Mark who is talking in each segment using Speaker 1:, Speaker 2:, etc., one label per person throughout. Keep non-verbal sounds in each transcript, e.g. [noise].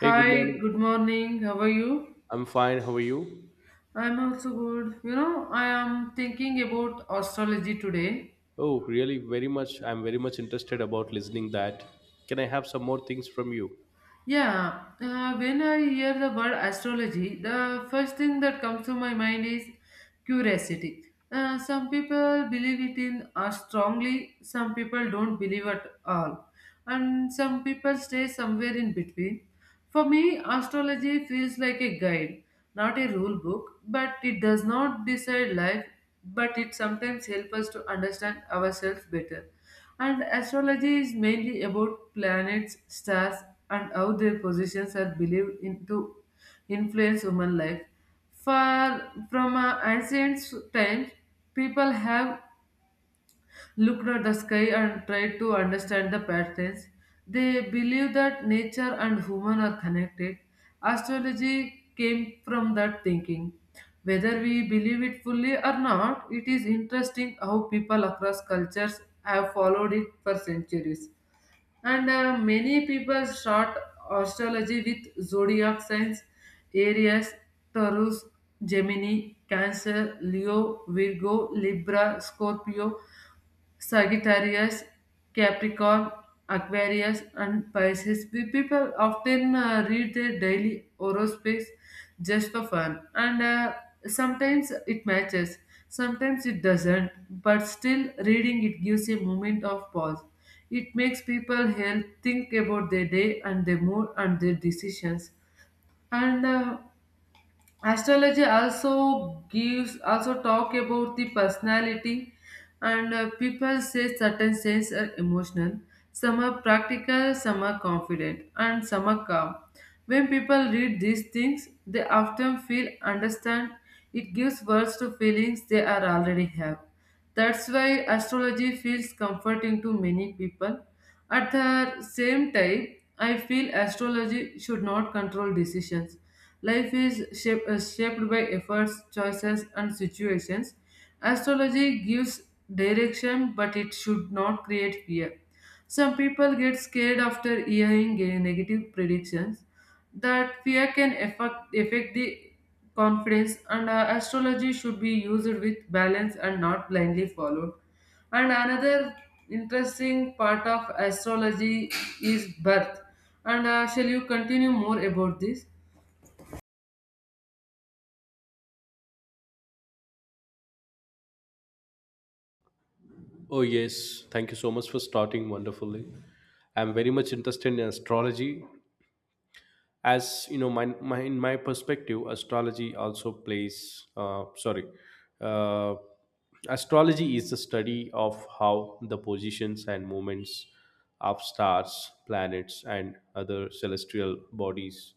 Speaker 1: Hey, good
Speaker 2: Hi,
Speaker 1: morning.
Speaker 2: good morning. How are you?
Speaker 1: I'm fine. How are you?
Speaker 2: I'm also good. You know, I am thinking about astrology today.
Speaker 1: Oh, really? Very much. I'm very much interested about listening that. Can I have some more things from you?
Speaker 2: Yeah, when I hear the word astrology, the first thing that comes to my mind is curiosity. Some people believe it in strongly, some people don't believe at all, and some people stay somewhere in between. For me, astrology feels like a guide, not a rule book, but it does not decide life, but it sometimes helps us to understand ourselves better. And astrology is mainly about planets, stars, and how their positions are believed in to influence human life. For from ancient times, people have looked at the sky and tried to understand the patterns. They believe that nature and human are connected. Astrology came from that thinking. Whether we believe it fully or not, it is interesting how people across cultures have followed it for centuries. And many people start astrology with zodiac signs: Aries, Taurus, Gemini, Cancer, Leo, Virgo, Libra, Scorpio, Sagittarius, Capricorn, Aquarius, and Pisces. We people often read their daily horoscopes just for fun, and sometimes it matches, sometimes it doesn't. But still, reading it gives a moment of pause. It makes people help think about their day and their mood and their decisions. And astrology also gives also talk about the personality, and people say certain signs are emotional, some are practical, some are confident, and some are calm. When people read these things, they often feel understand. It gives words to feelings they are already have. That's why astrology feels comforting to many people. At the same time, I feel astrology should not control decisions. Life is shaped by efforts, choices, and situations. Astrology gives direction, but it should not create fear. Some people get scared after hearing negative predictions. That fear can affect the confidence, and astrology should be used with balance and not blindly followed. And another interesting part of astrology is birth. And shall you continue more about this?
Speaker 1: Oh, yes. Thank you so much for starting wonderfully. I'm very much interested in astrology as you know my, my in my perspective astrology also plays sorry uh, astrology is the study of how the positions and movements of stars, planets, and other celestial bodies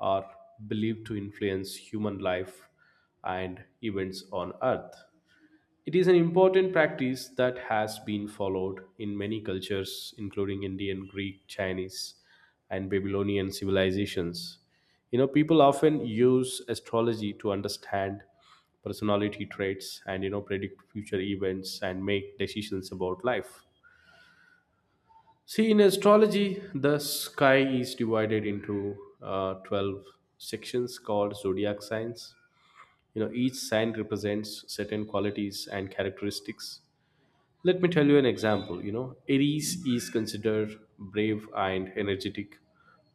Speaker 1: are believed to influence human life and events on earth. It is an important practice that has been followed in many cultures, including Indian, Greek, Chinese, and Babylonian civilizations. You know, people often use astrology to understand personality traits and, predict future events and make decisions about life. See, in astrology, the sky is divided into 12 sections called zodiac signs. You know, each sign represents certain qualities and characteristics. Let me tell you an example. You know, Aries is considered brave and energetic,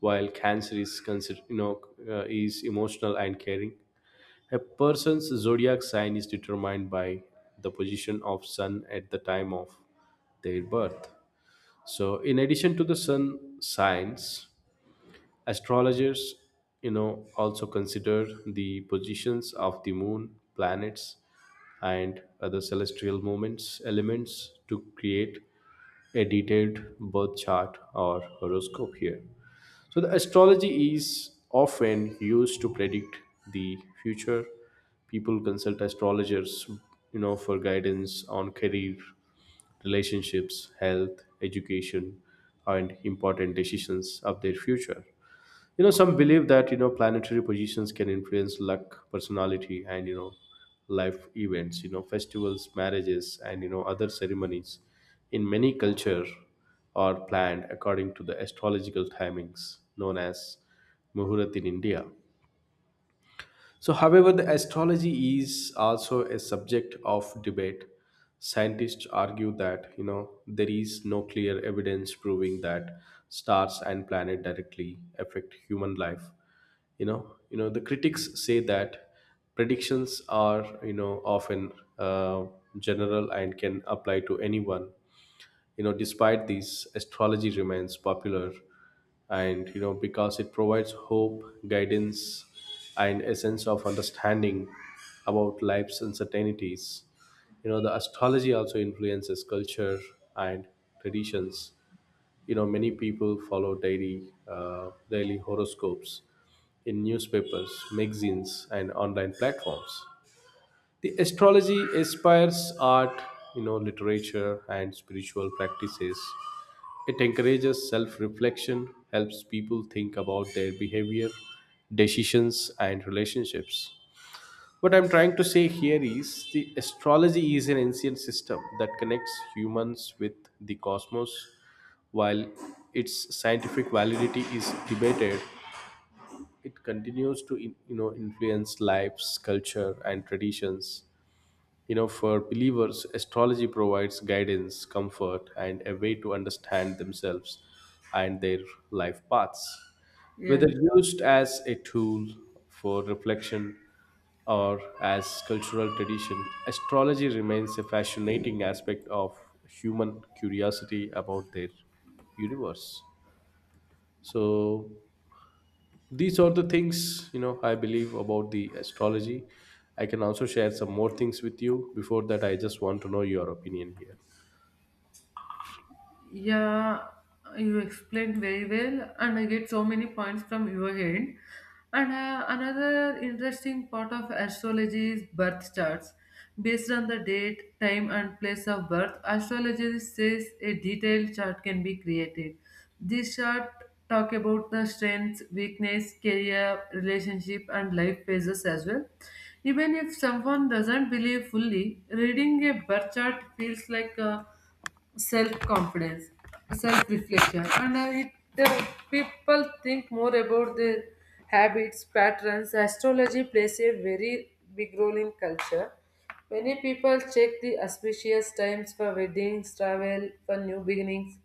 Speaker 1: while Cancer is considered, is emotional and caring. A person's zodiac sign is determined by the position of Sun at the time of their birth. So, in addition to the Sun signs, astrologers, also consider the positions of the Moon, planets, and other celestial movements elements to create a detailed birth chart or horoscope here. So, the astrology is often used to predict the future. People consult astrologers, for guidance on career, relationships, health, education, and important decisions of their future. Some believe that planetary positions can influence luck, personality, and life events. Festivals, marriages, and other ceremonies in many culture are planned according to the astrological timings known as muhurat in India. So, however, the astrology is also a subject of debate. Scientists argue that there is no clear evidence proving that stars and planet directly affect human life. The critics say that predictions are often uh, general and can apply to anyone. Despite these, astrology remains popular, and because it provides hope, guidance, and a sense of understanding about life's uncertainties. The astrology also influences culture and traditions. Many people follow daily horoscopes in newspapers, magazines, and online platforms. The astrology inspires art, literature, and spiritual practices. It encourages self reflection, helps people think about their behavior, decisions, and relationships. What I'm trying to say here is the astrology is an ancient system that connects humans with the cosmos. While its scientific validity is debated, it continues to influence lives, culture, and traditions. You know, for believers, astrology provides guidance, comfort, and a way to understand themselves and their life paths.
Speaker 2: Yeah.
Speaker 1: Whether used as a tool for reflection or as cultural tradition, astrology remains a fascinating aspect of human curiosity about their universe. So, these are the things I believe about the astrology. I can also share some more things with you before that. I just want to know your opinion here.
Speaker 2: Yeah, you explained very well, and I get so many points from your end. And another interesting part of astrology is birth charts. Based on the date, time, and place of birth, astrology says a detailed chart can be created. This chart talk about the strengths, weakness, career, relationship, and life phases as well. Even if someone doesn't believe fully, reading a birth chart feels like a self-confidence, self-reflection, and uh, people think more about their habits, patterns. Astrology plays a very big role in culture. Many people check the auspicious times for weddings, travel, for new beginnings.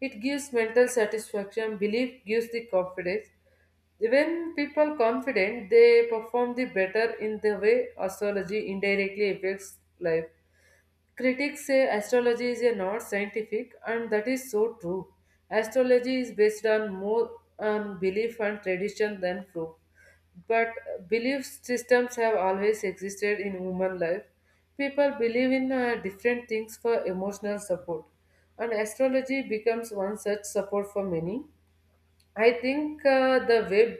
Speaker 2: It gives mental satisfaction. Belief gives the confidence. When people confident, they perform the better in the way astrology indirectly affects life. Critics say astrology is a not scientific, and that is so true. Astrology is based on more on belief and tradition than proof. But belief systems have always existed in human life. People believe in different things for emotional support, and astrology becomes one such support for many. I think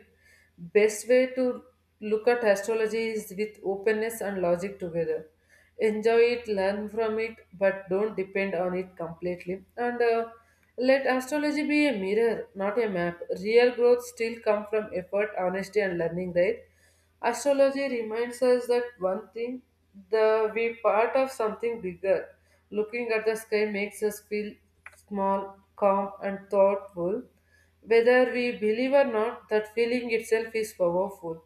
Speaker 2: best way to look at astrology is with openness and logic together. Enjoy it, learn from it, but don't depend on it completely. And let astrology be a mirror, not a map. Real growth still come from effort, honesty, and learning, right? Astrology reminds us that one thing, the we part of something bigger. Looking at the sky makes us feel small, calm, and thoughtful. Whether we believe or not, that feeling itself is powerful.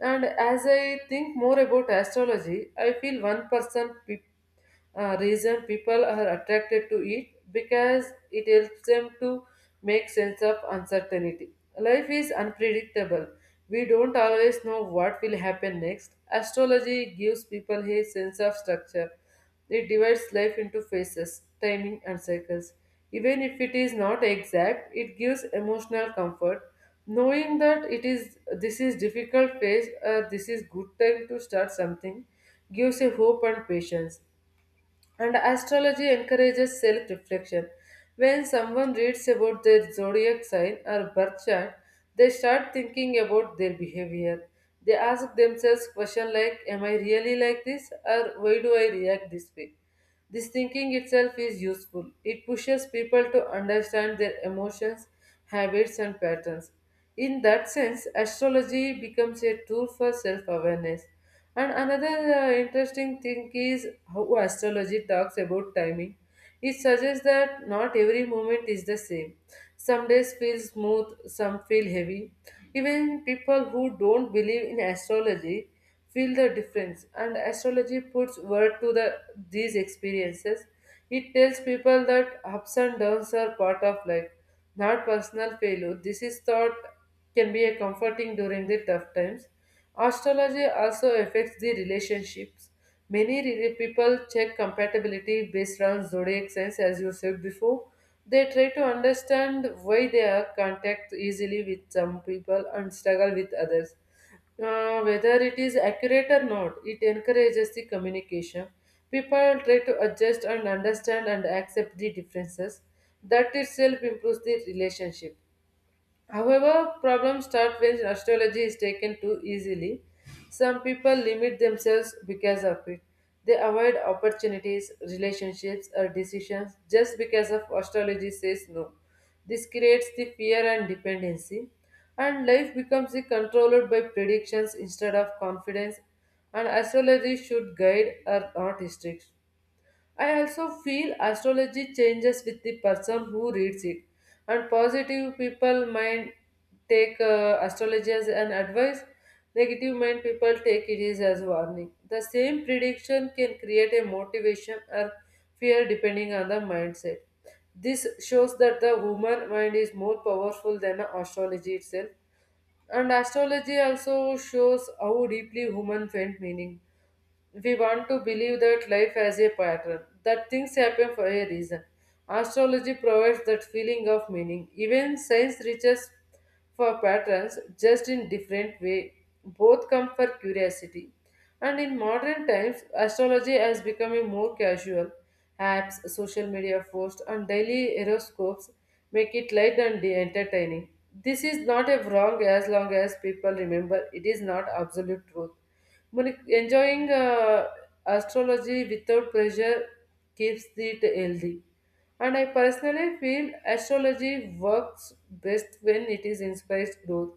Speaker 2: And as I think more about astrology, I feel one reason people are attracted to it because it helps them to make sense of uncertainty. Life is unpredictable. We don't always know what will happen next. Astrology gives people a sense of structure. It divides life into phases, timing, and cycles. Even if it is not exact, it gives emotional comfort. Knowing that it is this is difficult phase, this is good time to start something, gives a hope and patience. And astrology encourages self-reflection. When someone reads about their zodiac sign or birth chart, they start thinking about their behavior. They ask themselves questions like, "Am I really like this?" or "Why do I react this way?" This thinking itself is useful. It pushes people to understand their emotions, habits, and patterns. In that sense, astrology becomes a tool for self awareness. And another interesting thing is how astrology talks about timing. It suggests that not every moment is the same. Some days feel smooth, some feel heavy. Even people who don't believe in astrology feel the difference, and astrology puts word to the these experiences. It tells people that ups and downs are part of life, not personal failure. This is thought can be a comforting during the tough times. Astrology also affects the relationships. Many people check compatibility based on zodiac signs, as you said before. They try to understand why they are contact easily with some people and struggle with others. Whether it is accurate or not, it encourages the communication. People try to adjust and understand and accept the differences. That itself improves the relationship. However, problems start when astrology is taken too easily. Some people limit themselves because of it. They avoid opportunities, relationships, or decisions just because of astrology says no. This creates the fear and dependency, and life becomes the controlled by predictions instead of confidence. And astrology should guide or not restrict. I also feel astrology changes with the person who reads it, and positive people might take astrology as an advice, negative mind people take it is as warning. The same prediction can create a motivation or fear depending on the mindset. This shows that the human mind is more powerful than astrology itself, and astrology also shows how deeply human find meaning. We want to believe that life has a pattern, that things happen for a reason. Astrology provides that feeling of meaning. Even science reaches for patterns just in different way. Both come for curiosity. And in modern times, astrology has become a more casual. Apps, social media posts, and daily horoscopes make it light and entertaining. This is not a wrong as long as people remember it is not absolute truth. But enjoying astrology without pressure keeps it healthy. And I personally feel astrology works best when it is inspires growth.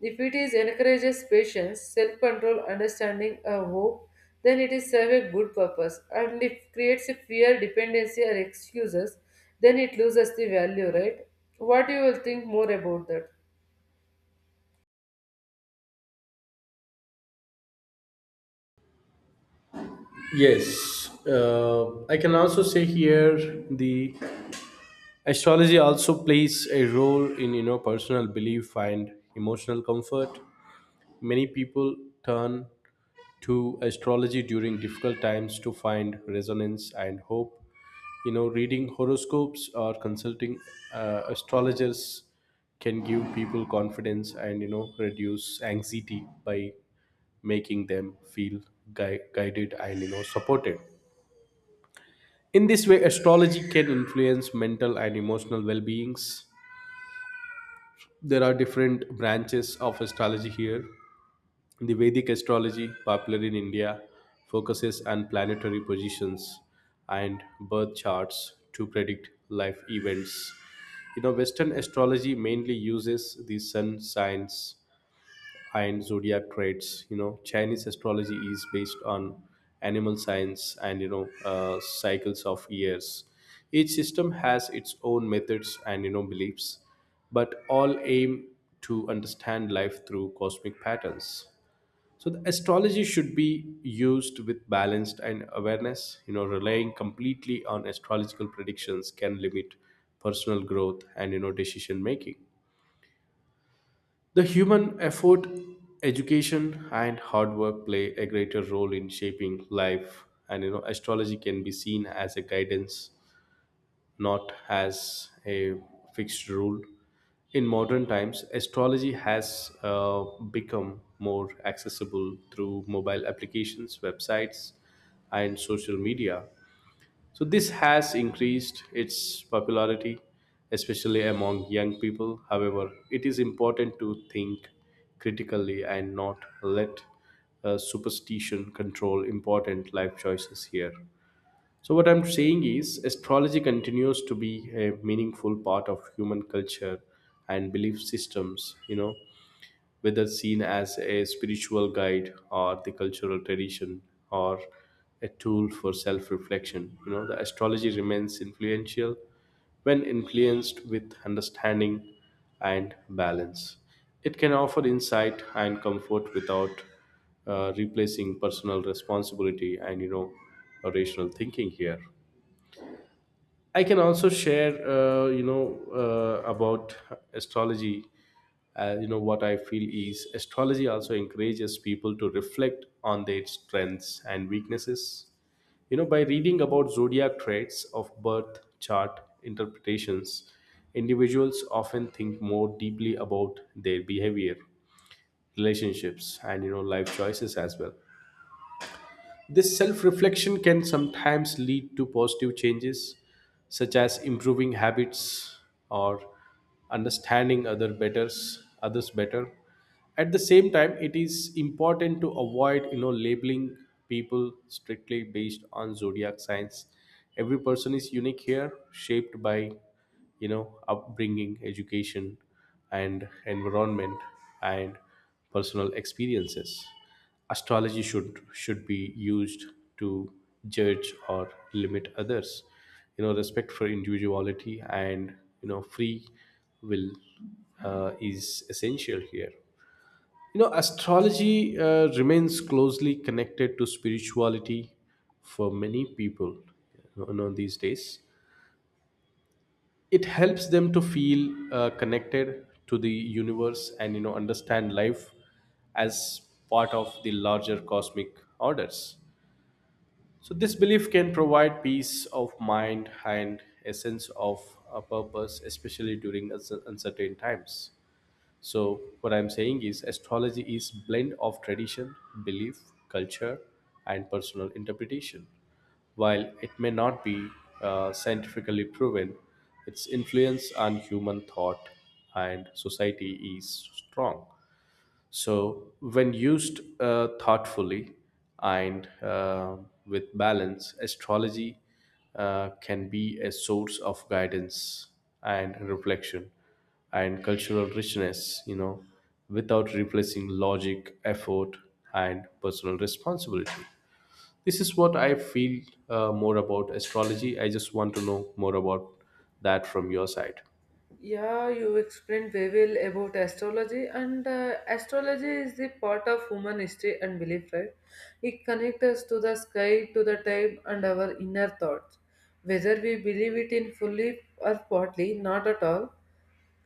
Speaker 2: If it is encourages patience, self-control, understanding, or hope, then it is serve a good purpose. And if creates a fear, dependency, or excuses, then it loses the value, right? What you will think more about that?
Speaker 1: Yes, I can also say here the astrology also plays a role in personal belief and emotional comfort. Many people turn to astrology during difficult times to find resonance and hope. Reading horoscopes or consulting astrologers can give people confidence and reduce anxiety by making them feel guided and supported. In this way, astrology can influence mental and emotional well-beings. There are different branches of astrology here. The Vedic astrology, popular in India, focuses on planetary positions and birth charts to predict life events. You know, Western astrology mainly uses the sun signs and zodiac traits. You know, Chinese astrology is based on animal signs and cycles of years. Each system has its own methods and beliefs, but all aim to understand life through cosmic patterns. So the astrology should be used with balanced and awareness. You know, relying completely on astrological predictions can limit personal growth and decision making. The human effort, education, and hard work play a greater role in shaping life, and astrology can be seen as a guidance, not as a fixed rule. In modern times, astrology has become more accessible through mobile applications, websites, and social media. So, this has increased its popularity, especially among young people. However, it is important to think critically and not let superstition control important life choices here. So, what I'm saying is, astrology continues to be a meaningful part of human culture and belief systems, you know, whether seen as a spiritual guide or the cultural tradition or a tool for self reflection. You know, the astrology remains influential when influenced with understanding and balance. It can offer insight and comfort without replacing personal responsibility and, you know, rational thinking here. I can also share, about astrology. You know, what I feel is astrology also encourages people to reflect on their strengths and weaknesses. You know, by reading about zodiac traits of birth chart interpretations, individuals often think more deeply about their behavior, relationships, and, you know, life choices as well. This self reflection can sometimes lead to positive changes, such as improving habits or understanding others better. At the same time, it is important to avoid, labeling people strictly based on zodiac signs. Every person is unique here, shaped by upbringing, education, and environment, and personal experiences. Astrology should be used to judge or limit others. Respect for individuality and free will is essential here. Astrology remains closely connected to spirituality for many people these days. It helps them to feel connected to the universe and understand life as part of the larger cosmic orders. So, this belief can provide peace of mind and a sense of a purpose, especially during uncertain times. So, what I'm saying is, astrology is blend of tradition, belief, culture, and personal interpretation. While it may not be scientifically proven, its influence on human thought and society is strong. So, when used thoughtfully and with balance, astrology can be a source of guidance and reflection and cultural richness, you know, without replacing logic, effort, and personal responsibility. This is what I feel more about astrology. I just want to know more about that from your side.
Speaker 2: Yeah, you explained very well about astrology, and astrology is the part of human history and belief, right? It connects us to the sky, to the time, and our inner thoughts. Whether we believe it in fully or partly, not at all,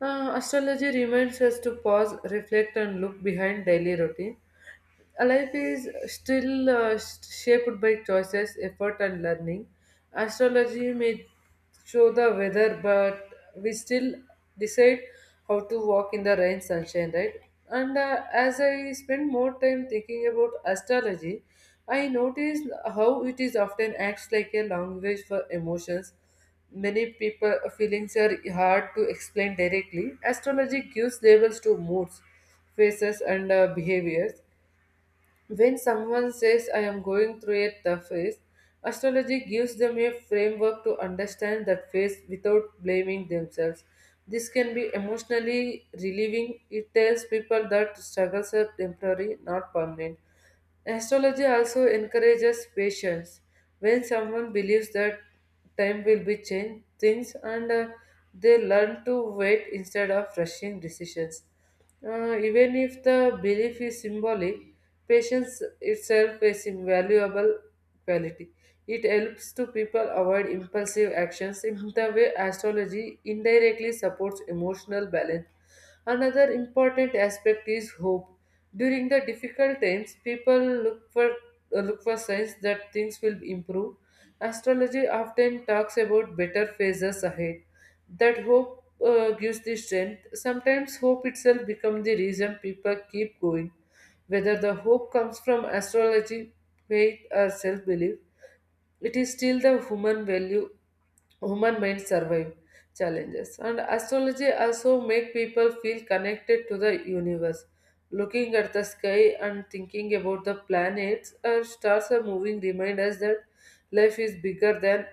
Speaker 2: astrology reminds us to pause, reflect, and look behind daily routine. A life is still shaped by choices, effort, and learning. Astrology may show the weather, but we still decide how to walk in the rain, sunshine, right? And as I spend more time thinking about astrology, I notice how it is often acts like a language for emotions. Many people feelings are hard to explain directly. Astrology gives labels to moods, faces, and behaviors. When someone says, I am going through a tough phase, astrology gives them a framework to understand that phase without blaming themselves. This can be emotionally relieving. It tells people that struggles are temporary, not permanent. Astrology also encourages patience. When someone believes that time will be changed, things and they learn to wait instead of rushing decisions. Even if the belief is symbolic, patience itself is invaluable quality. It helps to people avoid impulsive actions in the way astrology indirectly supports emotional balance. Another important aspect is hope. During the difficult times, people look for signs that things will improve. Astrology often talks about better phases ahead. That hope gives the strength. Sometimes hope itself becomes the reason people keep going. Whether the hope comes from astrology, faith, or self belief, it is still the human value, human mind survive challenges. And astrology also make people feel connected to the universe. Looking at the sky and thinking about the planets or stars are moving remind us that life is bigger than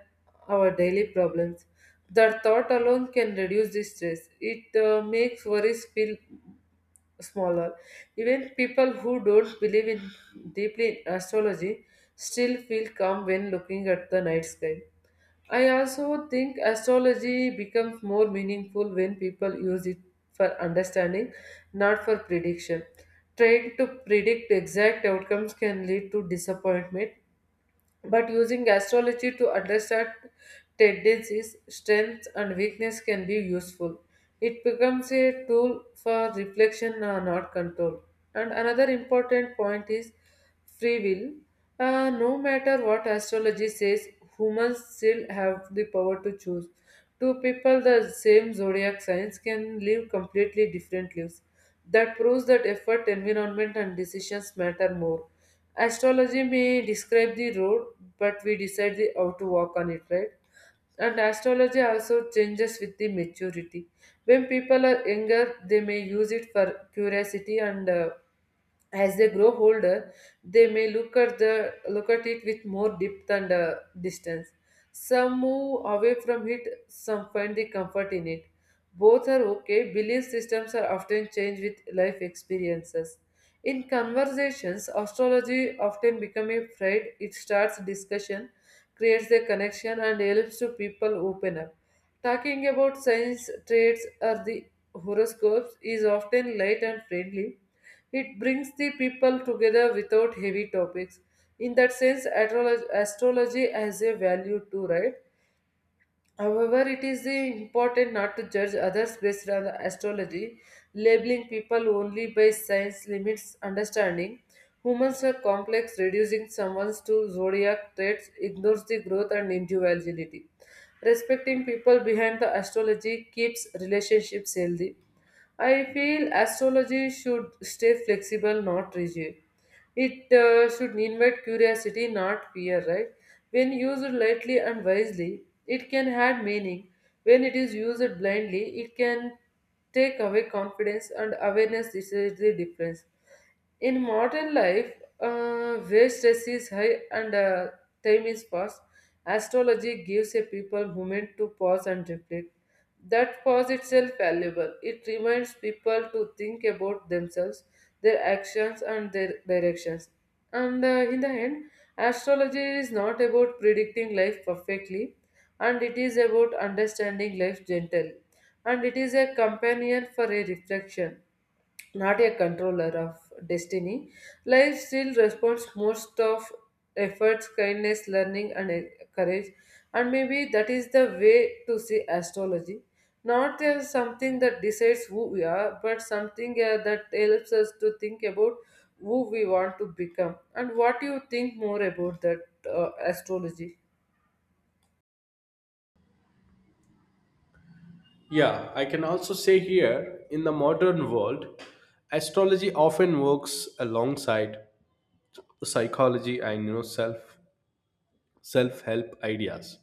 Speaker 2: our daily problems. That thought alone can reduce the stress. It makes worries feel smaller. Even people who don't believe in deeply in astrology still feel calm when looking at the night sky. I also think astrology becomes more meaningful when people use it for understanding, not for prediction. Trying to predict exact outcomes can lead to disappointment, but using astrology to understand tendencies, strengths, and weakness can be useful. It becomes a tool for reflection, not control. And another important point is free will. No matter what astrology says, humans still have the power to choose. Two people, the same zodiac signs, can live completely different lives. That proves that effort, environment, and decisions matter more. Astrology may describe the road, but we decide how to walk on it, right? And astrology also changes with the maturity. When people are younger, they may use it for curiosity and as they grow older, they may look at it with more depth and distance. Some move away from it, some find the comfort in it. Both are okay. Belief systems are often changed with life experiences. In conversations, astrology often becomes a thread. It starts discussion, creates a connection, and helps to people open up. Talking about signs, traits, or the horoscopes is often light and friendly. It brings the people together without heavy topics. In that sense, astrology has a value too, right? However, it is the important not to judge others based on astrology. Labeling people only by signs limits understanding. Humans are complex, reducing someone's to zodiac traits ignores the growth and individuality. Respecting people behind the astrology keeps relationships healthy. I feel astrology should stay flexible, not rigid. It should invite curiosity, not fear, right? When used lightly and wisely, it can add meaning. When it is used blindly, it can take away confidence, and awareness is the difference. In modern life, where stress is high and time is fast, astrology gives a people moment to pause and reflect. That pause itself valuable. It reminds people to think about themselves, their actions, and their directions. And in the end, astrology is not about predicting life perfectly, and it is about understanding life gently. And it is a companion for a reflection, not a controller of destiny. Life still responds most of efforts, kindness, learning, and courage. And maybe that is the way to see astrology. Not as something that decides who we are, but something that helps us to think about who we want to become. And what do you think more about that astrology?
Speaker 1: Yeah, I can also say here in the modern world, astrology often works alongside psychology and self help ideas.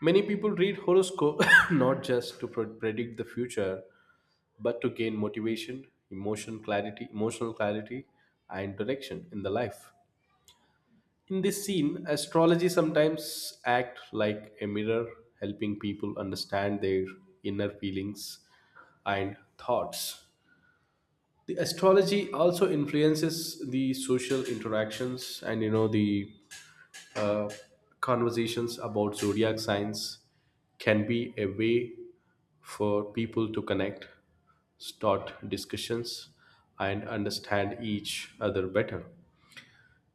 Speaker 1: Many people read horoscope [laughs] [coughs] not just to predict the future, but to gain motivation, emotional clarity, and direction in the life. In this scene, astrology sometimes act like a mirror, helping people understand their inner feelings and thoughts. The astrology also influences the social interactions and you know the uh, conversations about zodiac signs can be a way for people to connect, start discussions, and understand each other better.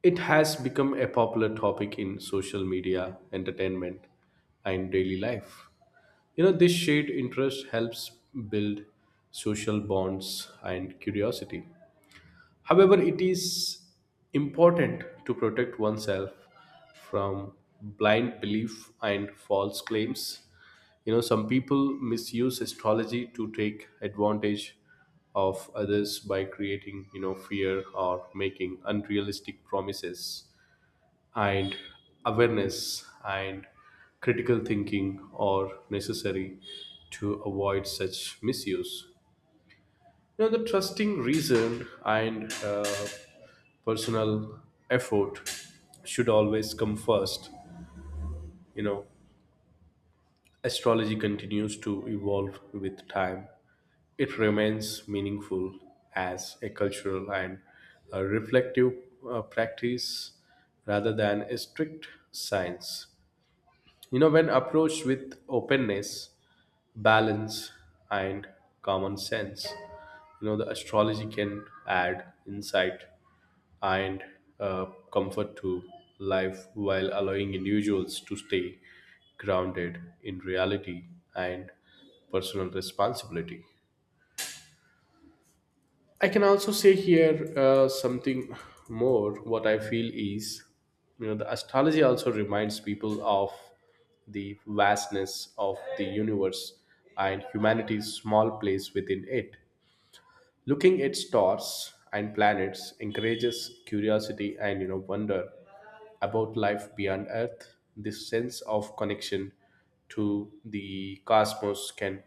Speaker 1: It has become a popular topic in social media, entertainment, and daily life. This shared interest helps build social bonds and curiosity. However, it is important to protect oneself from blind belief and false claims. You know, some people misuse astrology to take advantage of others by creating, you know, fear or making unrealistic promises. And awareness and critical thinking are necessary to avoid such misuse. The trusting reason and personal effort should always come first. You know, astrology continues to evolve with time. It remains meaningful as a cultural and a reflective practice rather than a strict science. You know, when approached with openness, balance, and common sense, the astrology can add insight and uh, comfort to life while allowing individuals to stay grounded in reality and personal responsibility. I can also say here something more. What I feel is, you know, the astrology also reminds people of the vastness of the universe and humanity's small place within it. Looking at stars and planets encourages curiosity and wonder about life beyond Earth. This sense of connection to the cosmos can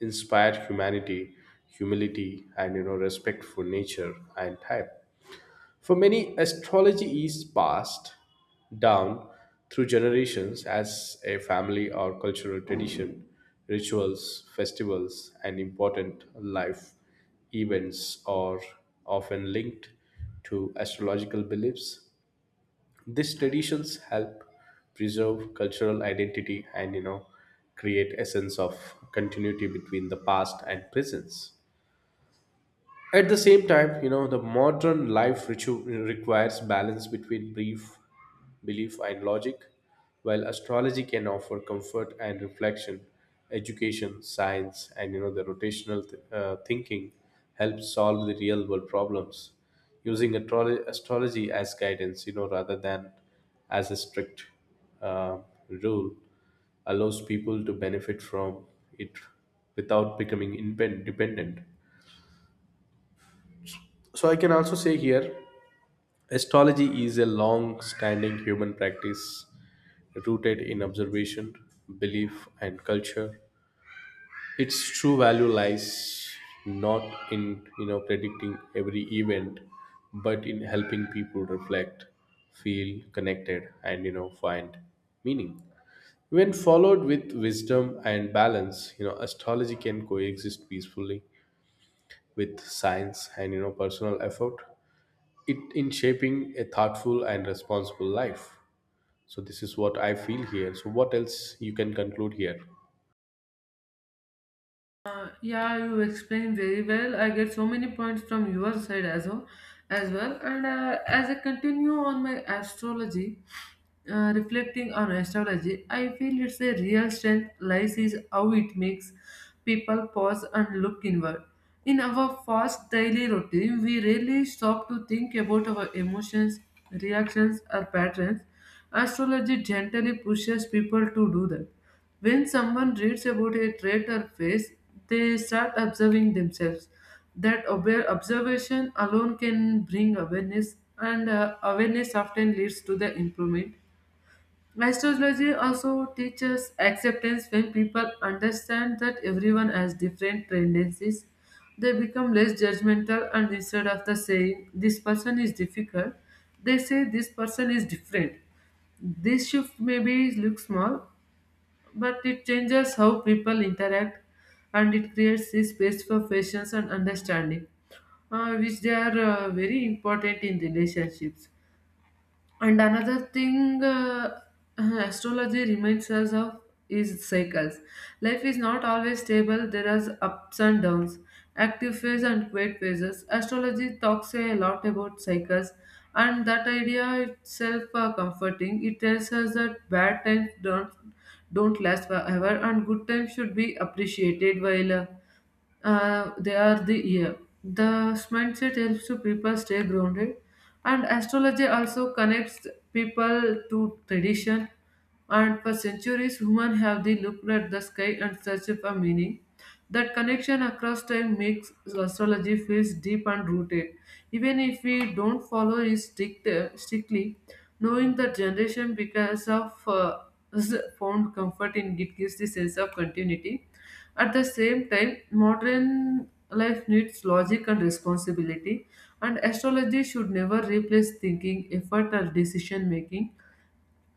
Speaker 1: inspire humility, and respect for nature and time. For many, astrology is passed down through generations as a family or cultural tradition. Rituals, festivals, and important life events are often linked to astrological beliefs. These traditions help preserve cultural identity and create a sense of continuity between the past and present. At the same time, you know, the modern life ritual requires balance between brief belief and logic, while astrology can offer comfort and reflection. Education, science, and the rotational thinking help solve the real world problems using astrology as guidance, you know, rather than as a strict uh, rule, allows people to benefit from it without becoming independent. So I can also say here, astrology is a long-standing human practice rooted in observation, belief, and culture. Its true value lies not in predicting every event, but in helping people reflect, feel connected, and find meaning. When followed with wisdom and balance, astrology can coexist peacefully with science and personal effort it in shaping a thoughtful and responsible life. So this is what I feel here. So what else you can conclude here?
Speaker 2: Yeah, you explained very well. I get so many points from your side as well. And as I continue on my astrology, reflecting on astrology, I feel it's a real strength lies is how it makes people pause and look inward. In our fast daily routine, we rarely stop to think about our emotions, reactions, or patterns. Astrology gently pushes people to do that. When someone reads about a trait or phase, they start observing themselves. That observation alone can bring awareness, and awareness often leads to the improvement. Astrology also teaches acceptance when people understand that everyone has different tendencies. They become less judgmental, and instead of the saying, this person is difficult, they say this person is different. This shift maybe looks small, but it changes how people interact, and it creates a space for patience and understanding, which they are very important in relationships. And another thing, astrology reminds us of is cycles. Life is not always stable, there are ups and downs, active phase and quiet phases. Astrology talks a lot about cycles, and that idea itself are comforting. It tells us that bad times don't last forever, and good times should be appreciated while they are the year. The mindset helps to people stay grounded, and astrology also connects people to tradition. And for centuries, humans have they looked at the sky and searched for meaning. That connection across time makes astrology feels deep and rooted. Even if we don't strictly, knowing the generation because of [laughs] us found comfort in it gives the sense of continuity. At the same time, modern life needs logic and responsibility, and astrology should never replace thinking, effort, or decision making.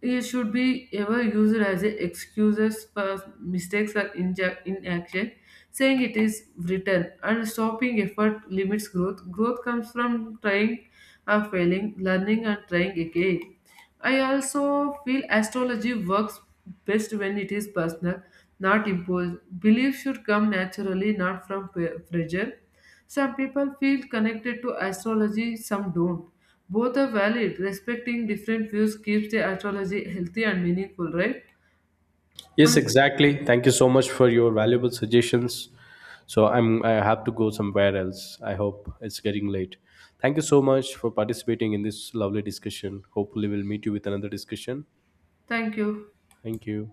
Speaker 2: It should be ever used as a excuses for mistakes or inaction, saying it is written and stopping effort limits growth. Growth comes from trying or failing, learning and trying again. I also feel astrology works best when it is personal, not imposed. Belief should come naturally, not from pressure. Some people feel connected to astrology, some don't. Both are valid. Respecting different views keeps the astrology healthy and meaningful, right?
Speaker 1: Yes,
Speaker 2: And
Speaker 1: exactly. Thank you so much for your valuable suggestions. So I have to go somewhere else. I hope it's getting late. Thank you so much for participating in this lovely discussion. Hopefully we'll meet you with another discussion.
Speaker 2: thank you.
Speaker 1: Thank you.